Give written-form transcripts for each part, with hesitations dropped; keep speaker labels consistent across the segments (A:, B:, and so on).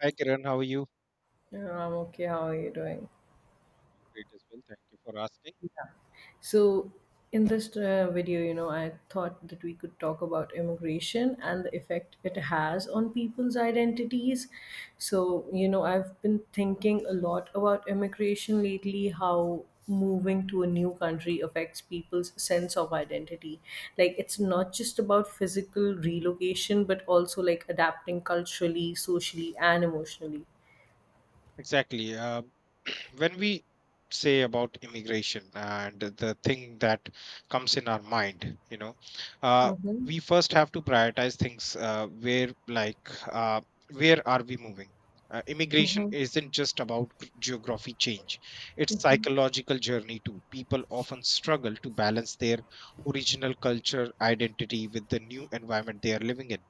A: Hi Kiran, how are you?
B: Yeah, I'm okay. How are you doing?
A: Great as well. Thank you for asking.
B: So, in this video, I thought that we could talk about immigration and the effect it has on people's identities. So, I've been thinking a lot about immigration lately, how moving to a new country affects people's sense of identity. Like, it's not just about physical relocation, but also like adapting culturally, socially, and emotionally.
A: Exactly. When we say about immigration and the thing that comes in our mind, you know, uh,
B: Mm-hmm.
A: we first have to prioritize things where, like, uh, where are we moving? Immigration
B: Mm-hmm.
A: isn't just about geography change; it's psychological journey too. People often struggle to balance their original culture identity with the new environment they are living in.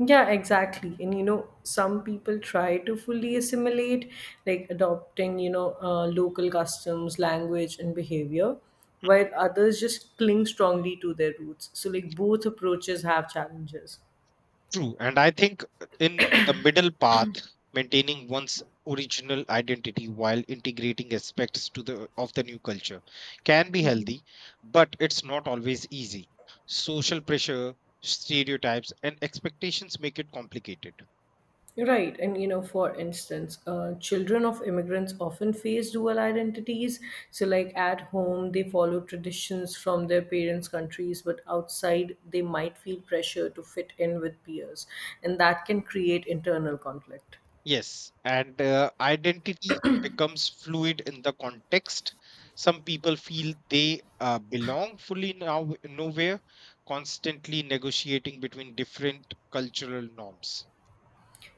B: Yeah, exactly. And you know, some people try to fully assimilate, like adopting, local customs, language, and behavior, while others just cling strongly to their roots. So, like, both approaches have challenges.
A: True, and I think in the middle path, maintaining one's original identity while integrating aspects to the of the new culture can be healthy, but it's not always easy. Social pressure, stereotypes, and expectations make it complicated.
B: Right, and you know, for instance, children of immigrants often face dual identities. So, like at home, they follow traditions from their parents' countries, but outside, they might feel pressure to fit in with peers, and that can create internal conflict.
A: Yes, and identity becomes fluid in the context. Some people feel they belong fully nowhere, constantly negotiating between different cultural norms.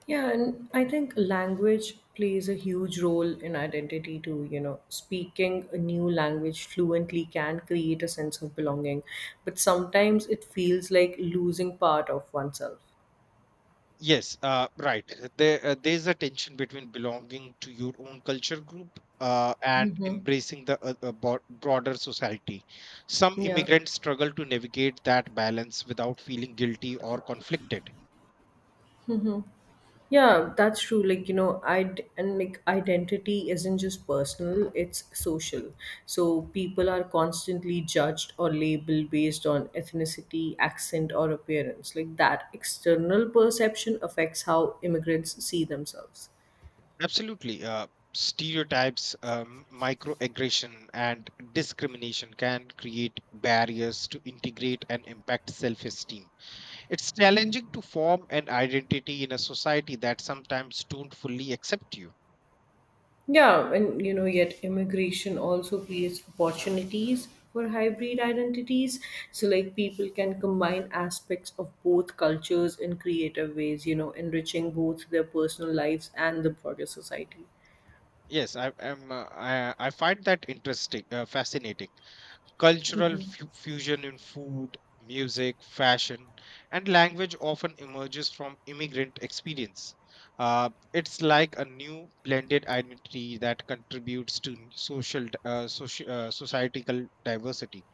B: Yeah, and I think language plays a huge role in identity too. You know, speaking a new language fluently can create a sense of belonging, but sometimes it feels like losing part of oneself.
A: Yes, right. There's a tension between belonging to your own culture group and embracing the broader society. Some
B: Yeah.
A: immigrants struggle to navigate that balance without feeling guilty or conflicted.
B: Yeah, that's true. Like, I'd and like identity isn't just personal, it's social. So people are constantly judged or labeled based on ethnicity, accent, or appearance. Like that external perception affects how immigrants see themselves.
A: Absolutely. Stereotypes, microaggression, and discrimination can create barriers to integrate and impact self esteem. It's challenging to form an identity in a society that sometimes don't fully accept you.
B: Yeah, and you know, yet immigration also creates opportunities for hybrid identities. So, like, people can combine aspects of both cultures in creative ways, enriching both their personal lives and the broader society.
A: Yes, I am. I find that interesting, fascinating. Cultural fusion in food, music, fashion, and language often emerges from immigrant experience. It's like a new blended identity that contributes to social, societal diversity.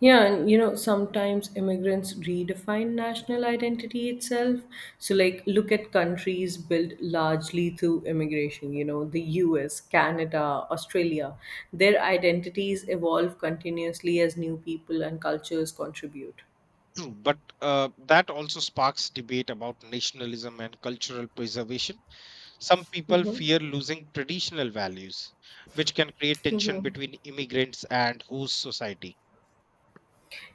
B: Yeah, and you know, sometimes immigrants redefine national identity itself. So, like, look at countries built largely through immigration, the US, Canada, Australia. Their identities evolve continuously as new people and cultures contribute.
A: True, but that also sparks debate about nationalism and cultural preservation. Some people fear losing traditional values, which can create
B: Hmm.
A: tension between immigrants and host society.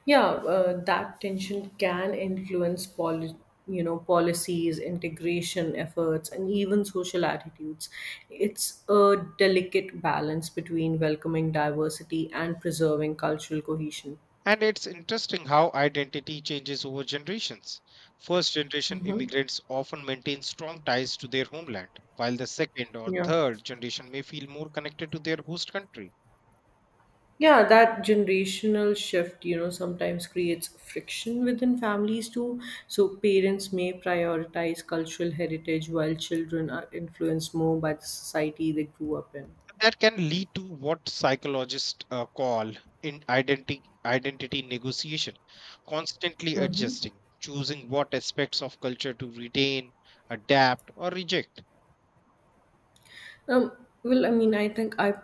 B: Yeah, that tension can influence you know policies, integration efforts, and even social attitudes. It's a delicate balance between welcoming diversity and preserving cultural cohesion.
A: And it's interesting how identity changes over generations. First generation immigrants often maintain strong ties to their homeland, while the second or
B: Yeah.
A: third generation may feel more connected to their host country.
B: Yeah, that generational shift, sometimes creates friction within families too. So parents may prioritize cultural heritage while children are influenced more by the society they grew up in.
A: That can lead to what psychologists call in identity identity negotiation, constantly adjusting, choosing what aspects of culture to retain, adapt, or reject.
B: Um, I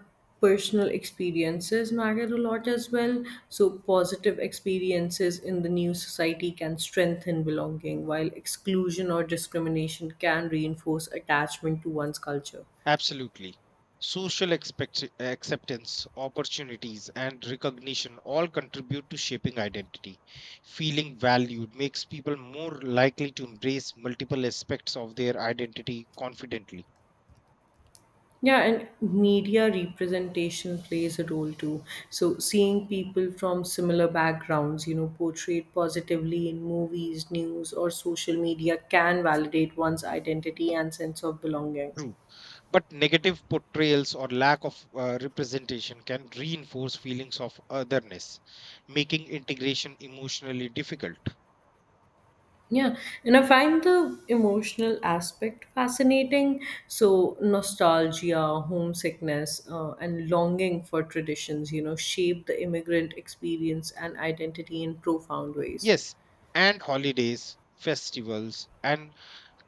B: personal experiences matter a lot as well. So positive experiences in the new society can strengthen belonging, while exclusion or discrimination can reinforce attachment to one's culture.
A: Absolutely. Social acceptance, opportunities, and recognition all contribute to shaping identity. Feeling valued makes people more likely to embrace multiple aspects of their identity confidently.
B: Yeah, and media representation plays a role too. So, seeing people from similar backgrounds, portrayed positively in movies, news, or social media can validate one's identity and sense of belonging.
A: But negative portrayals or lack of representation can reinforce feelings of otherness, making integration emotionally difficult.
B: Yeah, and I find the emotional aspect fascinating. So, nostalgia, homesickness, and longing for traditions, shape the immigrant experience and identity in profound ways.
A: Yes, and holidays, festivals, and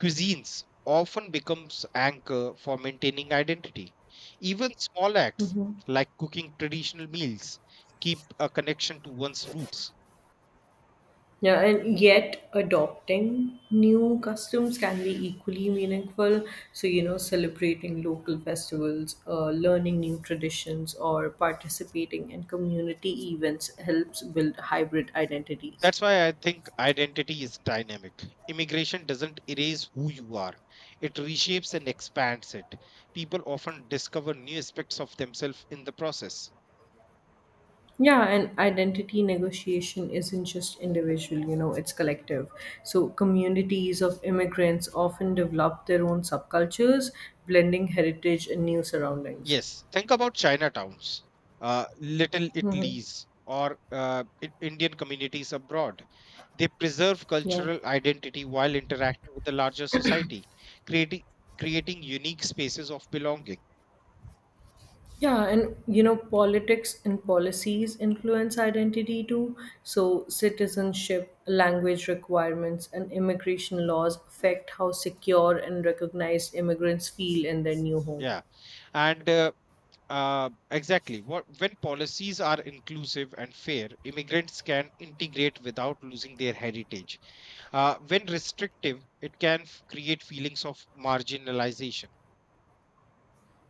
A: cuisines often becomes anchor for maintaining identity. Even small acts
B: Hmm.
A: like cooking traditional meals keep a connection to one's roots.
B: Yeah, and yet adopting new customs can be equally meaningful. So, celebrating local festivals, learning new traditions, or participating in community events helps build hybrid identities.
A: That's why I think identity is dynamic. Immigration doesn't erase who you are, it reshapes and expands it. People often discover new aspects of themselves in the process.
B: Yeah, and identity negotiation isn't just individual, it's collective. So, communities of immigrants often develop their own subcultures, blending heritage and new surroundings.
A: Yes, think about Chinatowns, little
B: Mm-hmm.
A: Italy's, or Indian communities abroad. They preserve
B: Yeah.
A: cultural identity while interacting with the larger society, creating creating unique spaces of belonging.
B: Yeah, and you know, politics and policies influence identity too. So, citizenship, language requirements, and immigration laws affect how secure and recognized immigrants feel in their new home.
A: Yeah, and exactly. What when policies are inclusive and fair, immigrants can integrate without losing their heritage. When restrictive, it can create feelings of marginalization.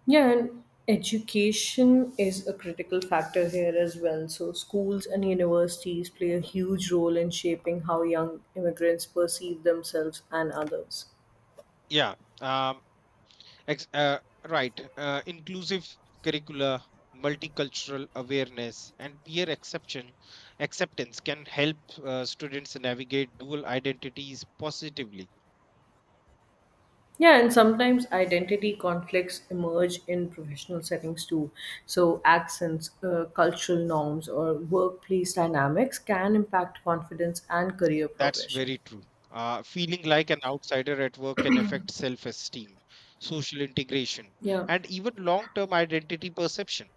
B: Yeah, and education is a critical factor here as well. So, schools and universities play a huge role in shaping how young immigrants perceive themselves and others.
A: Yeah. Um, ex- uh, right. Inclusive curricula, multicultural awareness, and peer exception acceptance can help students navigate dual identities positively.
B: Yeah, and sometimes identity conflicts emerge in professional settings too. So, accents, cultural norms, or workplace dynamics can impact confidence and career
A: That's
B: progression.
A: very true. Feeling like an outsider at work can affect self esteem, social integration,
B: Yeah.
A: and even long term identity perception.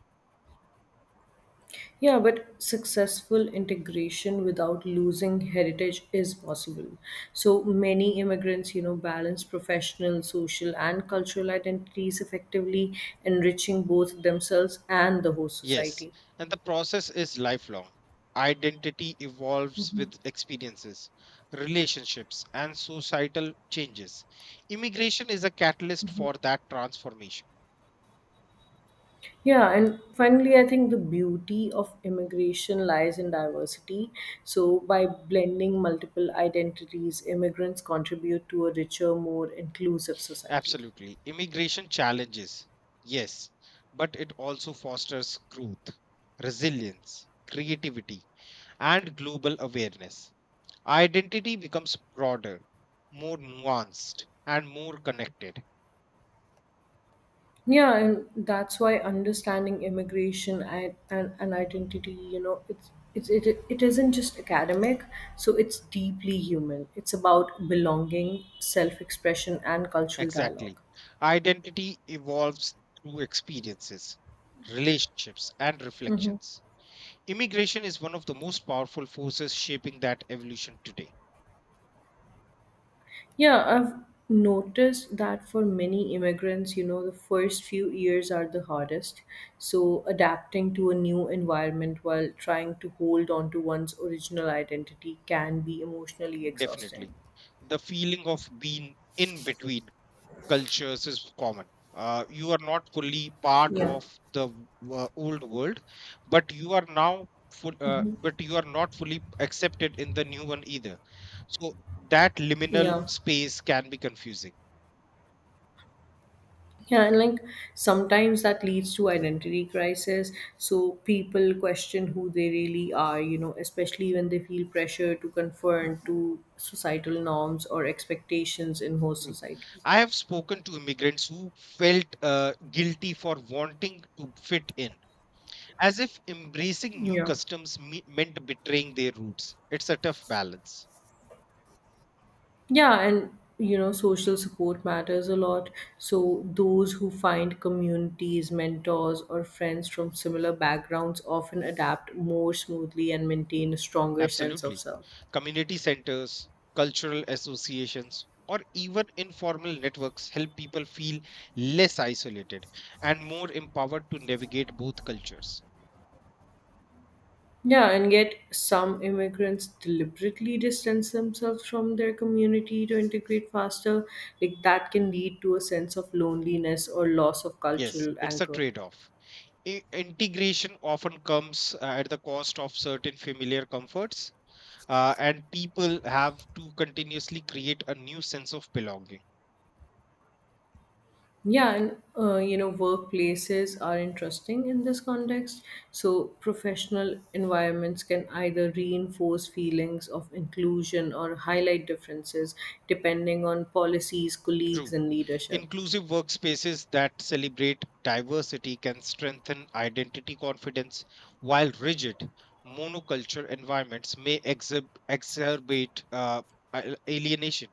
B: Yeah, but successful integration without losing heritage is possible. So many immigrants, balance professional, social, and cultural identities effectively, enriching both themselves and the host
A: Yes,
B: society.
A: and the process is lifelong. Identity evolves with experiences, relationships, and societal changes. Immigration is a catalyst for that transformation.
B: Yeah, and finally, I think the beauty of immigration lies in diversity. So, by blending multiple identities, immigrants contribute to a richer, more inclusive society.
A: Absolutely. Immigration challenges, yes, but it also fosters growth, resilience, creativity, and global awareness. Identity becomes broader, more nuanced, and more connected.
B: Yeah, and that's why understanding immigration and identity, it isn't just academic, so it's deeply human. It's about belonging, self-expression, and cultural
A: Exactly.
B: dialogue.
A: Identity evolves through experiences, relationships, and reflections. Immigration is one of the most powerful forces shaping that evolution today.
B: Yeah, I've noticed that for many immigrants, the first few years are the hardest. So adapting to a new environment while trying to hold on to one's original identity can be emotionally
A: Definitely.
B: exhausting.
A: The feeling of being in between cultures is common. You are not fully part
B: Yeah.
A: of the old world, but you are now full. But you are not fully accepted in the new one either. So that liminal
B: Yeah.
A: space can be confusing.
B: Yeah, and like sometimes that leads to identity crisis. So people question who they really are, especially when they feel pressure to conform to societal norms or expectations in host
A: Mm.
B: society.
A: I have spoken to immigrants who felt guilty for wanting to fit in, as if embracing new
B: Yeah.
A: customs meant betraying their roots. It's a tough balance.
B: Yeah, and you know, social support matters a lot. So those who find communities, mentors, or friends from similar backgrounds often adapt more smoothly and maintain a stronger sense of
A: Absolutely.
B: self.
A: Community centers, cultural associations, or even informal networks help people feel less isolated and more empowered to navigate both cultures.
B: Yeah, and yet some immigrants deliberately distance themselves from their community to integrate faster. Like that can lead to a sense of loneliness or loss of
A: Yes,
B: cultural
A: it's a
B: anchor.
A: trade off. Integration often comes at the cost of certain familiar comforts, and people have to continuously create a new sense of belonging.
B: Yeah, and you know, workplaces are interesting in this context. So, professional environments can either reinforce feelings of inclusion or highlight differences depending on policies, colleagues,
A: True.
B: and leadership.
A: Inclusive workspaces that celebrate diversity can strengthen identity confidence, while rigid, monoculture environments may exacerbate alienation.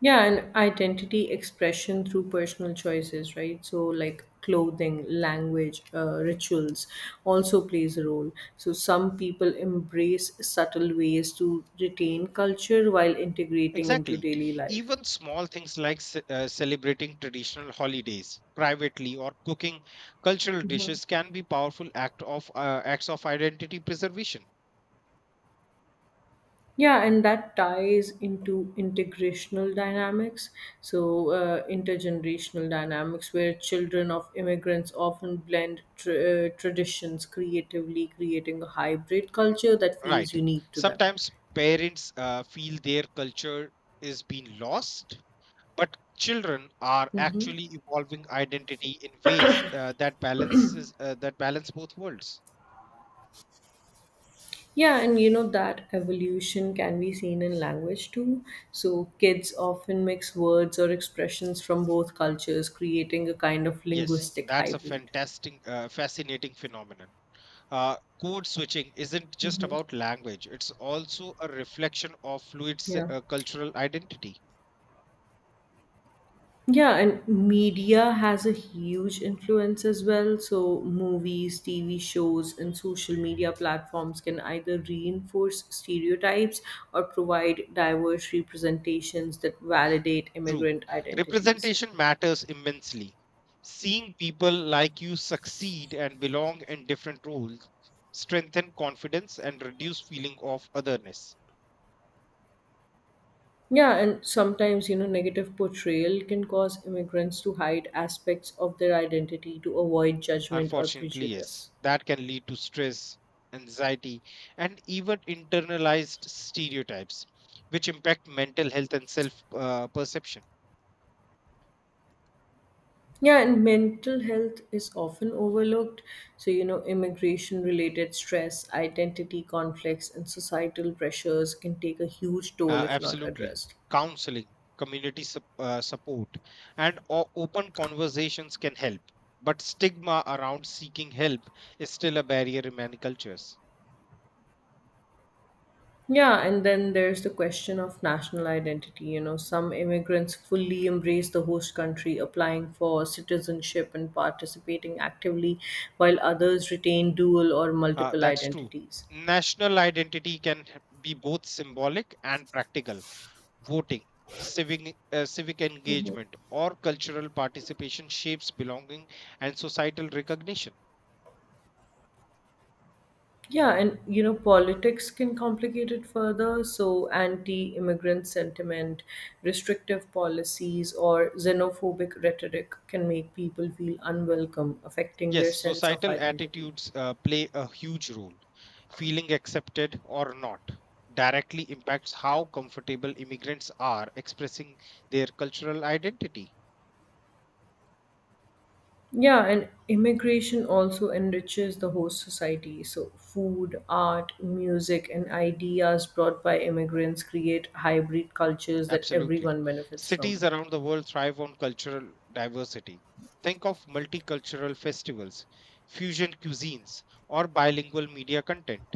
B: Yeah, and identity expression through personal choices, right? So, like clothing, language, rituals also plays a role. So, some people embrace subtle ways to retain culture while integrating into
A: Exactly.
B: daily life.
A: Even small things like celebrating traditional holidays privately or cooking cultural
B: Mhm.
A: dishes can be powerful act of acts of identity preservation.
B: Yeah, and that ties into integrational dynamics. So, intergenerational dynamics, where children of immigrants often blend tr traditions creatively, creating a hybrid culture that feels
A: Right.
B: unique to them.
A: Sometimes parents feel their culture is being lost, but children are
B: Mm-hmm.
A: actually evolving identity in ways that balance both worlds.
B: Yeah, and you know that evolution can be seen in language too. So kids often mix words or expressions from both cultures, creating a kind of
A: Yes,
B: linguistic
A: that's a
B: hybrid.
A: fascinating phenomenon. Uh, Code switching isn't just about language; it's also a reflection of fluid
B: Yeah.
A: cultural identity.
B: Yeah, and media has a huge influence as well. So, movies, TV shows, and social media platforms can either reinforce stereotypes or provide diverse representations that validate
A: True,
B: immigrant identities.
A: representation matters immensely. Seeing people like you succeed and belong in different roles strengthen confidence and reduce feeling of otherness.
B: Yeah, and sometimes, negative portrayal can cause immigrants to hide aspects of their identity to avoid judgment or
A: Unfortunately, yes,
B: prejudice.
A: that can lead to stress, anxiety, and even internalized stereotypes, which impact mental health and self perception.
B: Yeah, and mental health is often overlooked. So, immigration related stress, identity conflicts, and societal pressures can take a huge toll if not
A: Absolutely.
B: addressed.
A: Counseling, support, and open conversations can help. But stigma around seeking help is still a barrier in many cultures.
B: Yeah, and then there's the question of national identity. You know, some immigrants fully embrace the host country, applying for citizenship and participating actively, while others retain dual or multiple
A: That's true.
B: identities.
A: National identity can be both symbolic and practical: voting, civic engagement, or cultural participation shapes belonging and societal recognition.
B: Yeah, and you know, politics can complicate it further. So, anti immigrant sentiment, restrictive policies, or xenophobic rhetoric can make people feel unwelcome, affecting their
A: Yes,
B: sense of
A: societal
B: identity.
A: attitudes play a huge role. Feeling accepted or not directly impacts how comfortable immigrants are expressing their cultural identity.
B: Yeah, and immigration also enriches the host society. So, food, art, music, and ideas brought by immigrants create hybrid cultures that
A: Absolutely.
B: everyone benefits
A: Cities
B: from.
A: around the world thrive on cultural diversity. Think of multicultural festivals, fusion cuisines, or bilingual media content.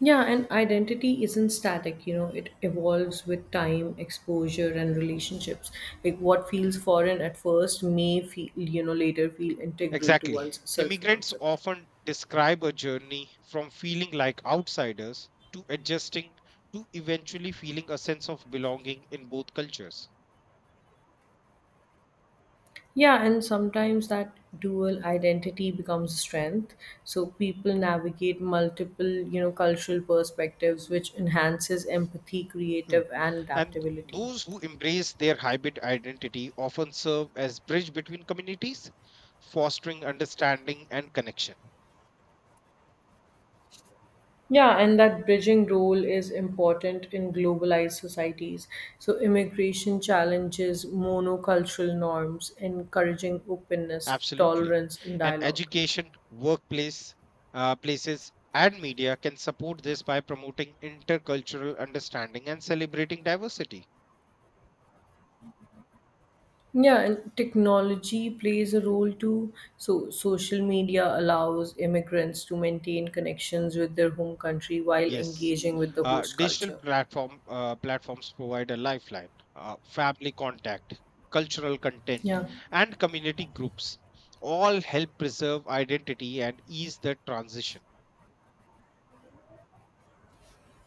B: Yeah, and identity isn't static, it evolves with time, exposure, and relationships. Like what feels foreign at first may feel, later feel integral to one's
A: Exactly.
B: self
A: Immigrants
B: concept.
A: often describe a journey from feeling like outsiders to adjusting, to eventually feeling a sense of belonging in both cultures.
B: Yeah, and sometimes that dual identity becomes strength. So people navigate multiple, cultural perspectives, which enhances empathy,
A: True.
B: creative, and
A: And
B: adaptability.
A: those who embrace their hybrid identity often serve as bridge between communities, fostering understanding and connection.
B: Yeah, and that bridging role is important in globalized societies. So, immigration challenges monocultural norms, encouraging openness,
A: Absolutely.
B: tolerance, and
A: And
B: dialogue.
A: education, places, and media can support this by promoting intercultural understanding and celebrating diversity.
B: Yeah, and technology plays a role too. So, social media allows immigrants to maintain connections with their home country while
A: Yes.
B: engaging with the
A: Uh,
B: host
A: digital
B: culture.
A: platform uh, platforms provide a lifeline, family contact, cultural content,
B: Yeah.
A: and community groups. All help preserve identity and ease the transition.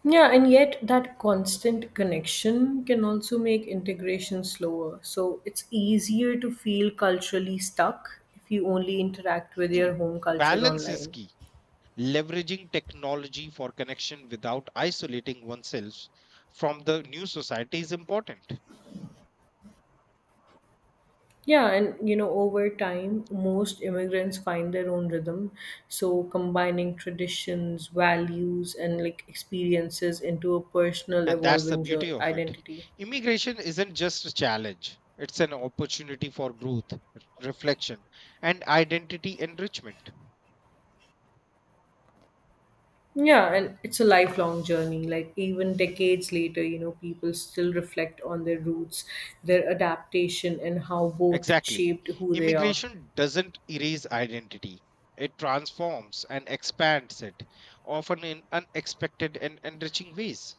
B: Yeah, and yet that constant connection can also make integration slower. So it's easier to feel culturally stuck if you only interact with your
A: True,
B: home culture
A: balance is
B: online.
A: key. Leveraging technology for connection without isolating oneself from the new society is important.
B: Yeah, and over time, most immigrants find their own rhythm. So combining traditions, values, and like experiences into a personal
A: And that's the
B: evolving
A: beauty of it.
B: identity.
A: Immigration isn't just a challenge, it's an opportunity for growth, reflection, and identity enrichment.
B: Yeah, and it's a lifelong journey. Like, even decades later, people still reflect on their roots, their adaptation, and how both
A: Exactly.
B: shaped who they are.
A: Immigration doesn't erase identity, it transforms and expands it, often in unexpected and enriching ways.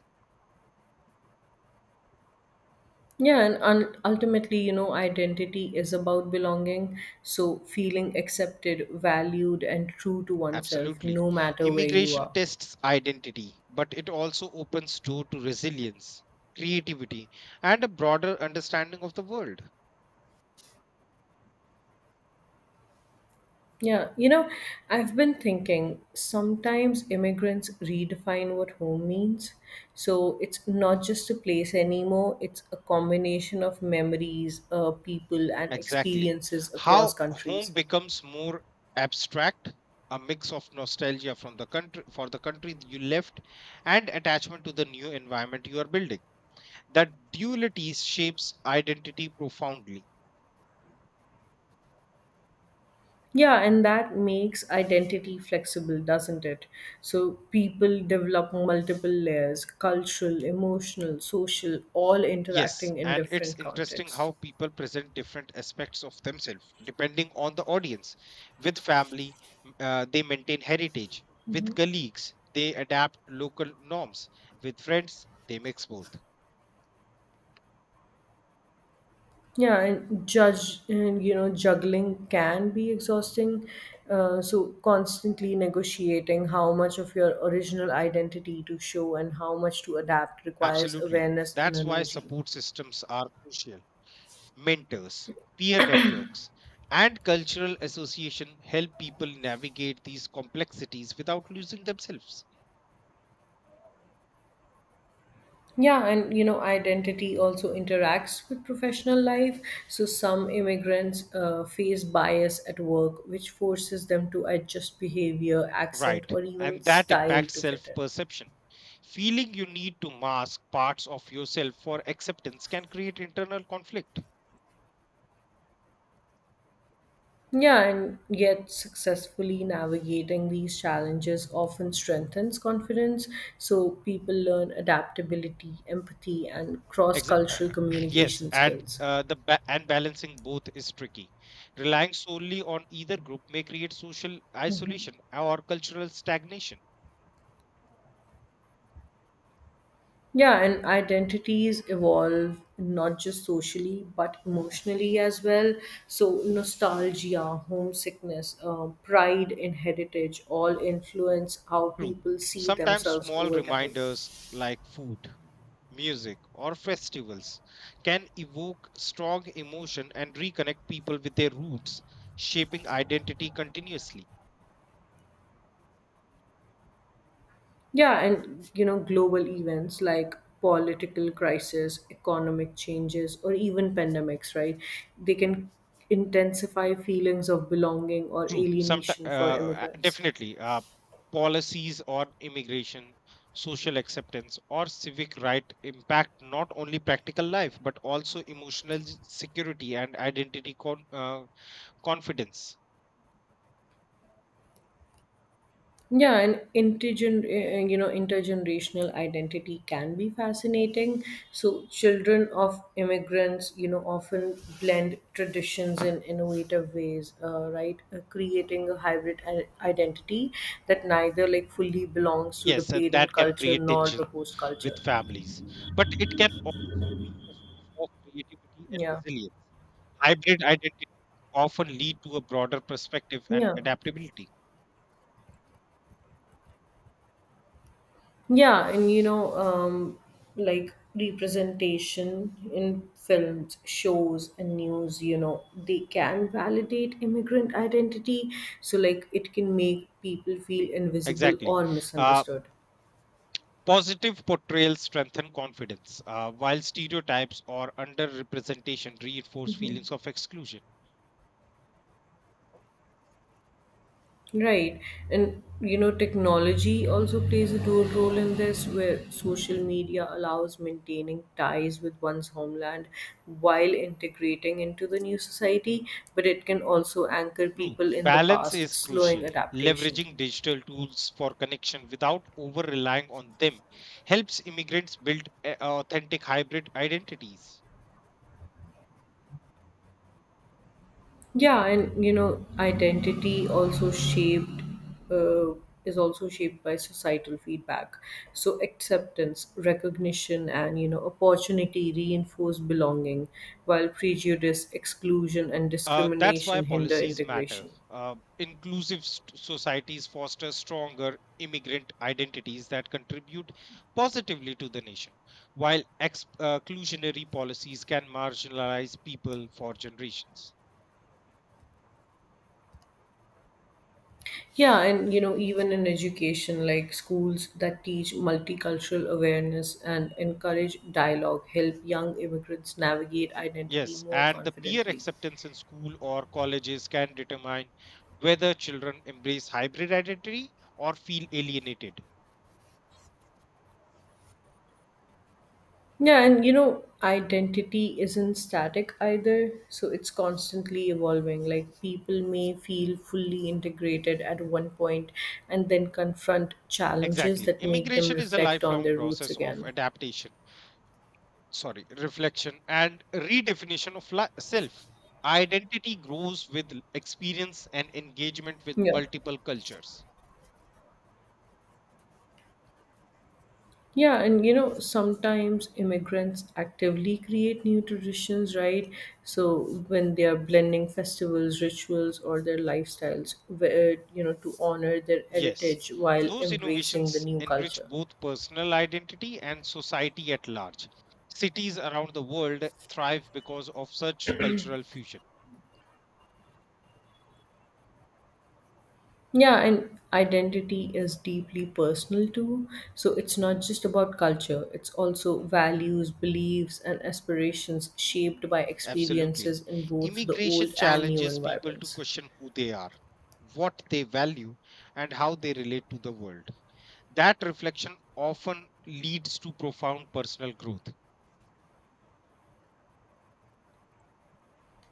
B: Yeah, and ultimately, identity is about belonging. So, feeling accepted, valued, and true to oneself,
A: Absolutely.
B: no matter where you
A: Immigration
B: are.
A: tests identity, but it also opens door to resilience, creativity, and a broader understanding of the world.
B: Yeah, I've been thinking sometimes immigrants redefine what home means. So it's not just a place anymore, it's a combination of memories, people, and
A: Exactly.
B: experiences across
A: How home
B: countries.
A: becomes more abstract, a mix of nostalgia from the country for the country you left and attachment to the new environment you are building. That duality shapes identity profoundly.
B: Yeah, and that makes identity flexible, doesn't it? So people develop multiple layers cultural, emotional, social, all
A: Yes,
B: interacting in
A: and it's
B: different
A: interesting
B: contexts.
A: how people present different aspects of themselves depending on the audience. With family, they maintain heritage. With colleagues, they adapt local norms. With friends, they mix both.
B: Yeah, and juggling can be exhausting. So constantly negotiating how much of your original identity to show and how much to adapt requires
A: Absolutely.
B: awareness and
A: That's why
B: energy.
A: support systems are crucial. Mentors, peer networks, and cultural association help people navigate these complexities without losing themselves.
B: Yeah, and you know, identity also interacts with professional life. So some immigrants face bias at work, which forces them to adjust behavior, accent,
A: Right.
B: or even
A: And that
B: style
A: impacts
B: to fit
A: self
B: in.
A: perception. Feeling you need to mask parts of yourself for acceptance can create internal conflict.
B: Yeah, and yet successfully navigating these challenges often strengthens confidence. So people learn adaptability, empathy, and cross
A: Exa- uh,
B: cultural
A: yes,
B: communication
A: and
B: skills.
A: balancing both is tricky. Relying solely on either group may create social isolation or cultural stagnation.
B: Yeah, and identities evolve not just socially but emotionally as well. So, nostalgia, homesickness, pride in heritage all influence how
A: True.
B: people see
A: Sometimes
B: themselves
A: small
B: over time.
A: reminders like food, music, or festivals can evoke strong emotion and reconnect people with their roots, shaping identity continuously.
B: Yeah, and you know, global events like political crisis, economic changes, or even pandemics, right? They can intensify feelings of belonging or
A: True. Some
B: alienation for immigrants.
A: Definitely, policies on immigration, social acceptance, or civic right impact not only practical life but also emotional security and identity confidence.
B: Yeah, and you know intergenerational identity can be fascinating. So children of immigrants, often blend traditions in innovative ways, right? Creating a hybrid identity that neither like fully belongs to the
A: Yes, and
B: parent
A: that can
B: culture
A: create
B: nor
A: tension
B: the host culture.
A: with families, but it can also be a source of creativity and
B: Yeah,
A: resilience. Hybrid identities often lead to a broader perspective and
B: yeah.
A: adaptability.
B: Yeah, and like representation in films, shows, and news, you know, they can validate immigrant identity. So, like, it can make people feel invisible
A: Exactly.
B: or
A: Uh,
B: misunderstood.
A: Positive portrayals strengthen confidence, while stereotypes or underrepresentation reinforce feelings of exclusion.
B: Right. And you know, technology also plays a dual role in this, where social media allows maintaining ties with one's homeland while integrating into the new society, but it can also anchor
A: True.
B: people in the
A: Balance
B: past,
A: is
B: slowing
A: crucial.
B: adaptation.
A: Leveraging digital tools for connection without over relying on them helps immigrants build authentic hybrid identities.
B: Yeah, and you know, identity also shaped uh, is also shaped by societal feedback. So acceptance, recognition, and you know, opportunity reinforce belonging, while prejudice, exclusion, and
A: That's why
B: discrimination hinder
A: policies matter.
B: integration.
A: Inclusive societies foster stronger immigrant identities that contribute positively to the nation, while exclusionary policies can marginalize people for generations.
B: Yeah, and you know, even in education, like, schools that teach multicultural awareness and encourage dialogue help young immigrants navigate identity
A: Yes,
B: more
A: and the peer
B: confidently.
A: acceptance in school or colleges can determine whether children embrace hybrid identity or feel alienated.
B: Yeah, and you know, identity isn't static either, so it's constantly evolving. Like, people may feel fully integrated at one point and then confront challenges
A: Exactly.
B: that make them
A: Immigration is a
B: reflect on
A: lifelong
B: their roots
A: process of
B: again.
A: adaptation, sorry, reflection and redefinition of self. Identity grows with experience and engagement with
B: Yeah.
A: multiple cultures.
B: Yeah, and you know, sometimes immigrants actively create new traditions, right? So when they are blending festivals, rituals, or their lifestyles, where, you know, to honor their
A: Yes,
B: heritage while
A: those
B: embracing the
A: innovations
B: new
A: enrich
B: culture.
A: both personal identity and society at large. Cities around the world thrive because of such cultural fusion.
B: Yeah, and identity is deeply personal too. So it's not just about culture, it's also values, beliefs, and aspirations shaped by
A: Absolutely.
B: experiences in both the
A: Immigration
B: old and new
A: challenges people to
B: environments.
A: question who they are, what they value, and how they relate to the world. That reflection often leads to profound personal growth.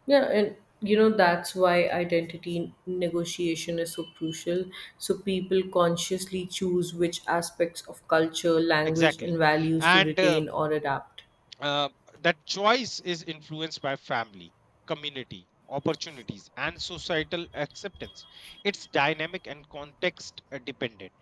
B: Yeah, and you know, that's why identity negotiation is so crucial. So people consciously choose which aspects of culture, language,
A: Exactly.
B: and values to
A: And
B: retain or adapt.
A: uh, that choice is influenced by family, community, opportunities, and societal acceptance. It's dynamic and context dependent.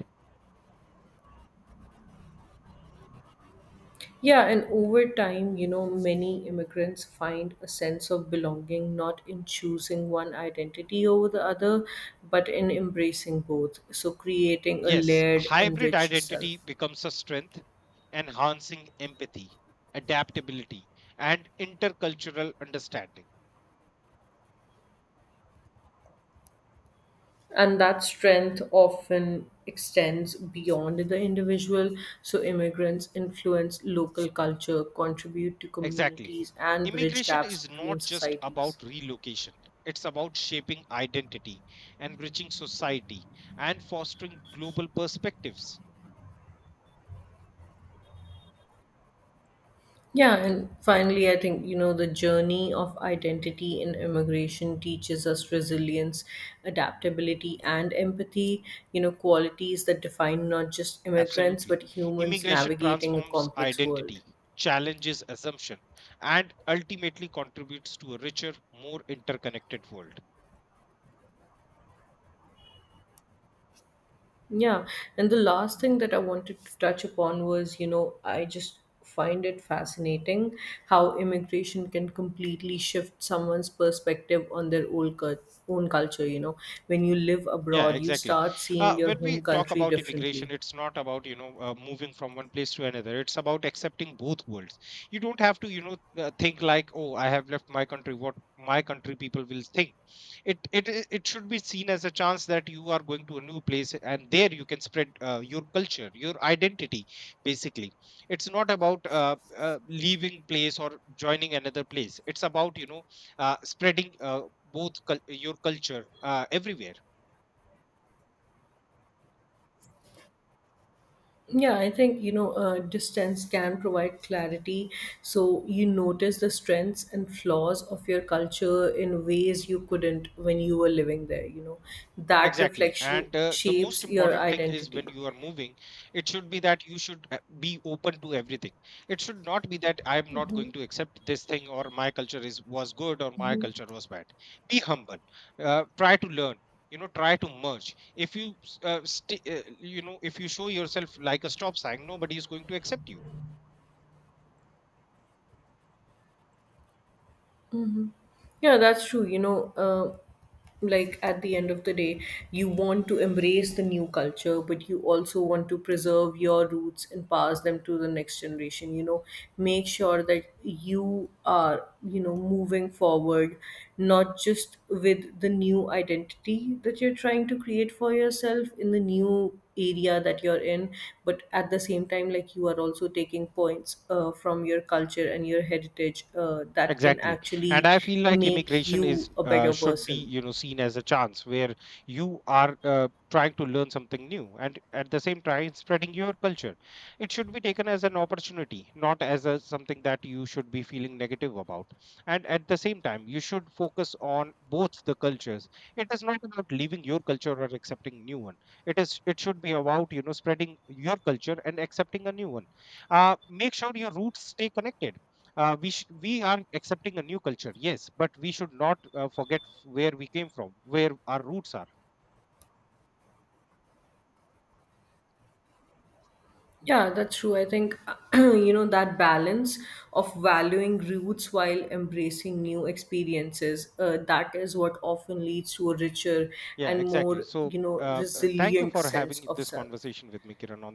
B: Yeah, and over time, you know, many immigrants find a sense of belonging not in choosing one identity over the other, but in embracing both. So, creating a
A: Yes,
B: layered,
A: hybrid
B: enriched
A: identity
B: self.
A: becomes a strength, enhancing empathy, adaptability, and intercultural understanding.
B: And that strength often extends beyond the individual. So, immigrants influence local culture, contribute to
A: Exactly.
B: communities, and bridge
A: Immigration
B: gaps
A: is not
B: between
A: just
B: societies.
A: about relocation, it's about shaping identity, enriching society, and fostering global perspectives.
B: Yeah, and finally, I think, you know, the journey of identity in immigration teaches us resilience, adaptability, and empathy, you know, qualities that define not just immigrants,
A: Absolutely.
B: but humans
A: Immigration
B: navigating a
A: transforms
B: complex world.
A: identity, challenges assumption, and ultimately contributes to a richer, more interconnected world.
B: Yeah, and the last thing that I wanted to touch upon was, you know, I just find it fascinating how immigration can completely shift someone's perspective on their own culture, you know. When you live
A: Yeah,
B: abroad, you
A: exactly.
B: start seeing your
A: When
B: home
A: we talk
B: country
A: about immigration,
B: differently.
A: it's not about, you know, moving from one place to another. It's about accepting both worlds. You don't have to, you know, think like, oh, I have left my country. What my country people will think. It should be seen as a chance that you are going to a new place, and there you can spread your culture, your identity. Basically, it's not about leaving place or joining another place. It's about, you know, spreading your culture everywhere.
B: Yeah, I think distance can provide clarity. So you notice the strengths and flaws of your culture in ways you couldn't when you were living there. You know, that
A: Exactly.
B: reflection
A: And the most
B: shapes your
A: important thing is when
B: identity.
A: you are moving, it should be that you should be open to everything. It should not be that I am not going to accept this thing or my culture is was good or my culture was bad. Be humble. Try to learn. You know, try to merge. If you, s- sti You know, if you show yourself like a stop sign, nobody is going to accept you.
B: Yeah, that's true. Like, at the end of the day, you want to embrace the new culture, but you also want to preserve your roots and pass them to the next generation. You know, make sure that you are, you know, moving forward, not just with the new identity that you're trying to create for yourself in the new area that you're in, but at the same time, like, you are also taking points from your culture and your heritage that can
A: Exactly. And
B: actually
A: I feel like
B: make
A: immigration
B: you
A: is
B: a better
A: should be,
B: person.
A: you know, seen as a chance where you are trying to learn something new and at the same time spreading your culture. It should be taken as an opportunity, not as a, something that you should be feeling negative about. And at the same time, you should focus on both the cultures. It is not about leaving your culture or accepting new one. It should be about, you know, spreading your culture and accepting a new one. Make sure your roots stay connected. We are accepting a new culture, yes, but we should not forget where we came from, where our roots are.
B: Yeah, that's true. I think, you know, that balance of valuing roots while embracing new experiences, that is what often leads to a richer
A: Yeah
B: and
A: exactly
B: more,
A: so
B: you know,
A: Thank you
B: resilient
A: for
B: sense
A: having
B: of
A: this
B: self.
A: conversation with me, Kiran, on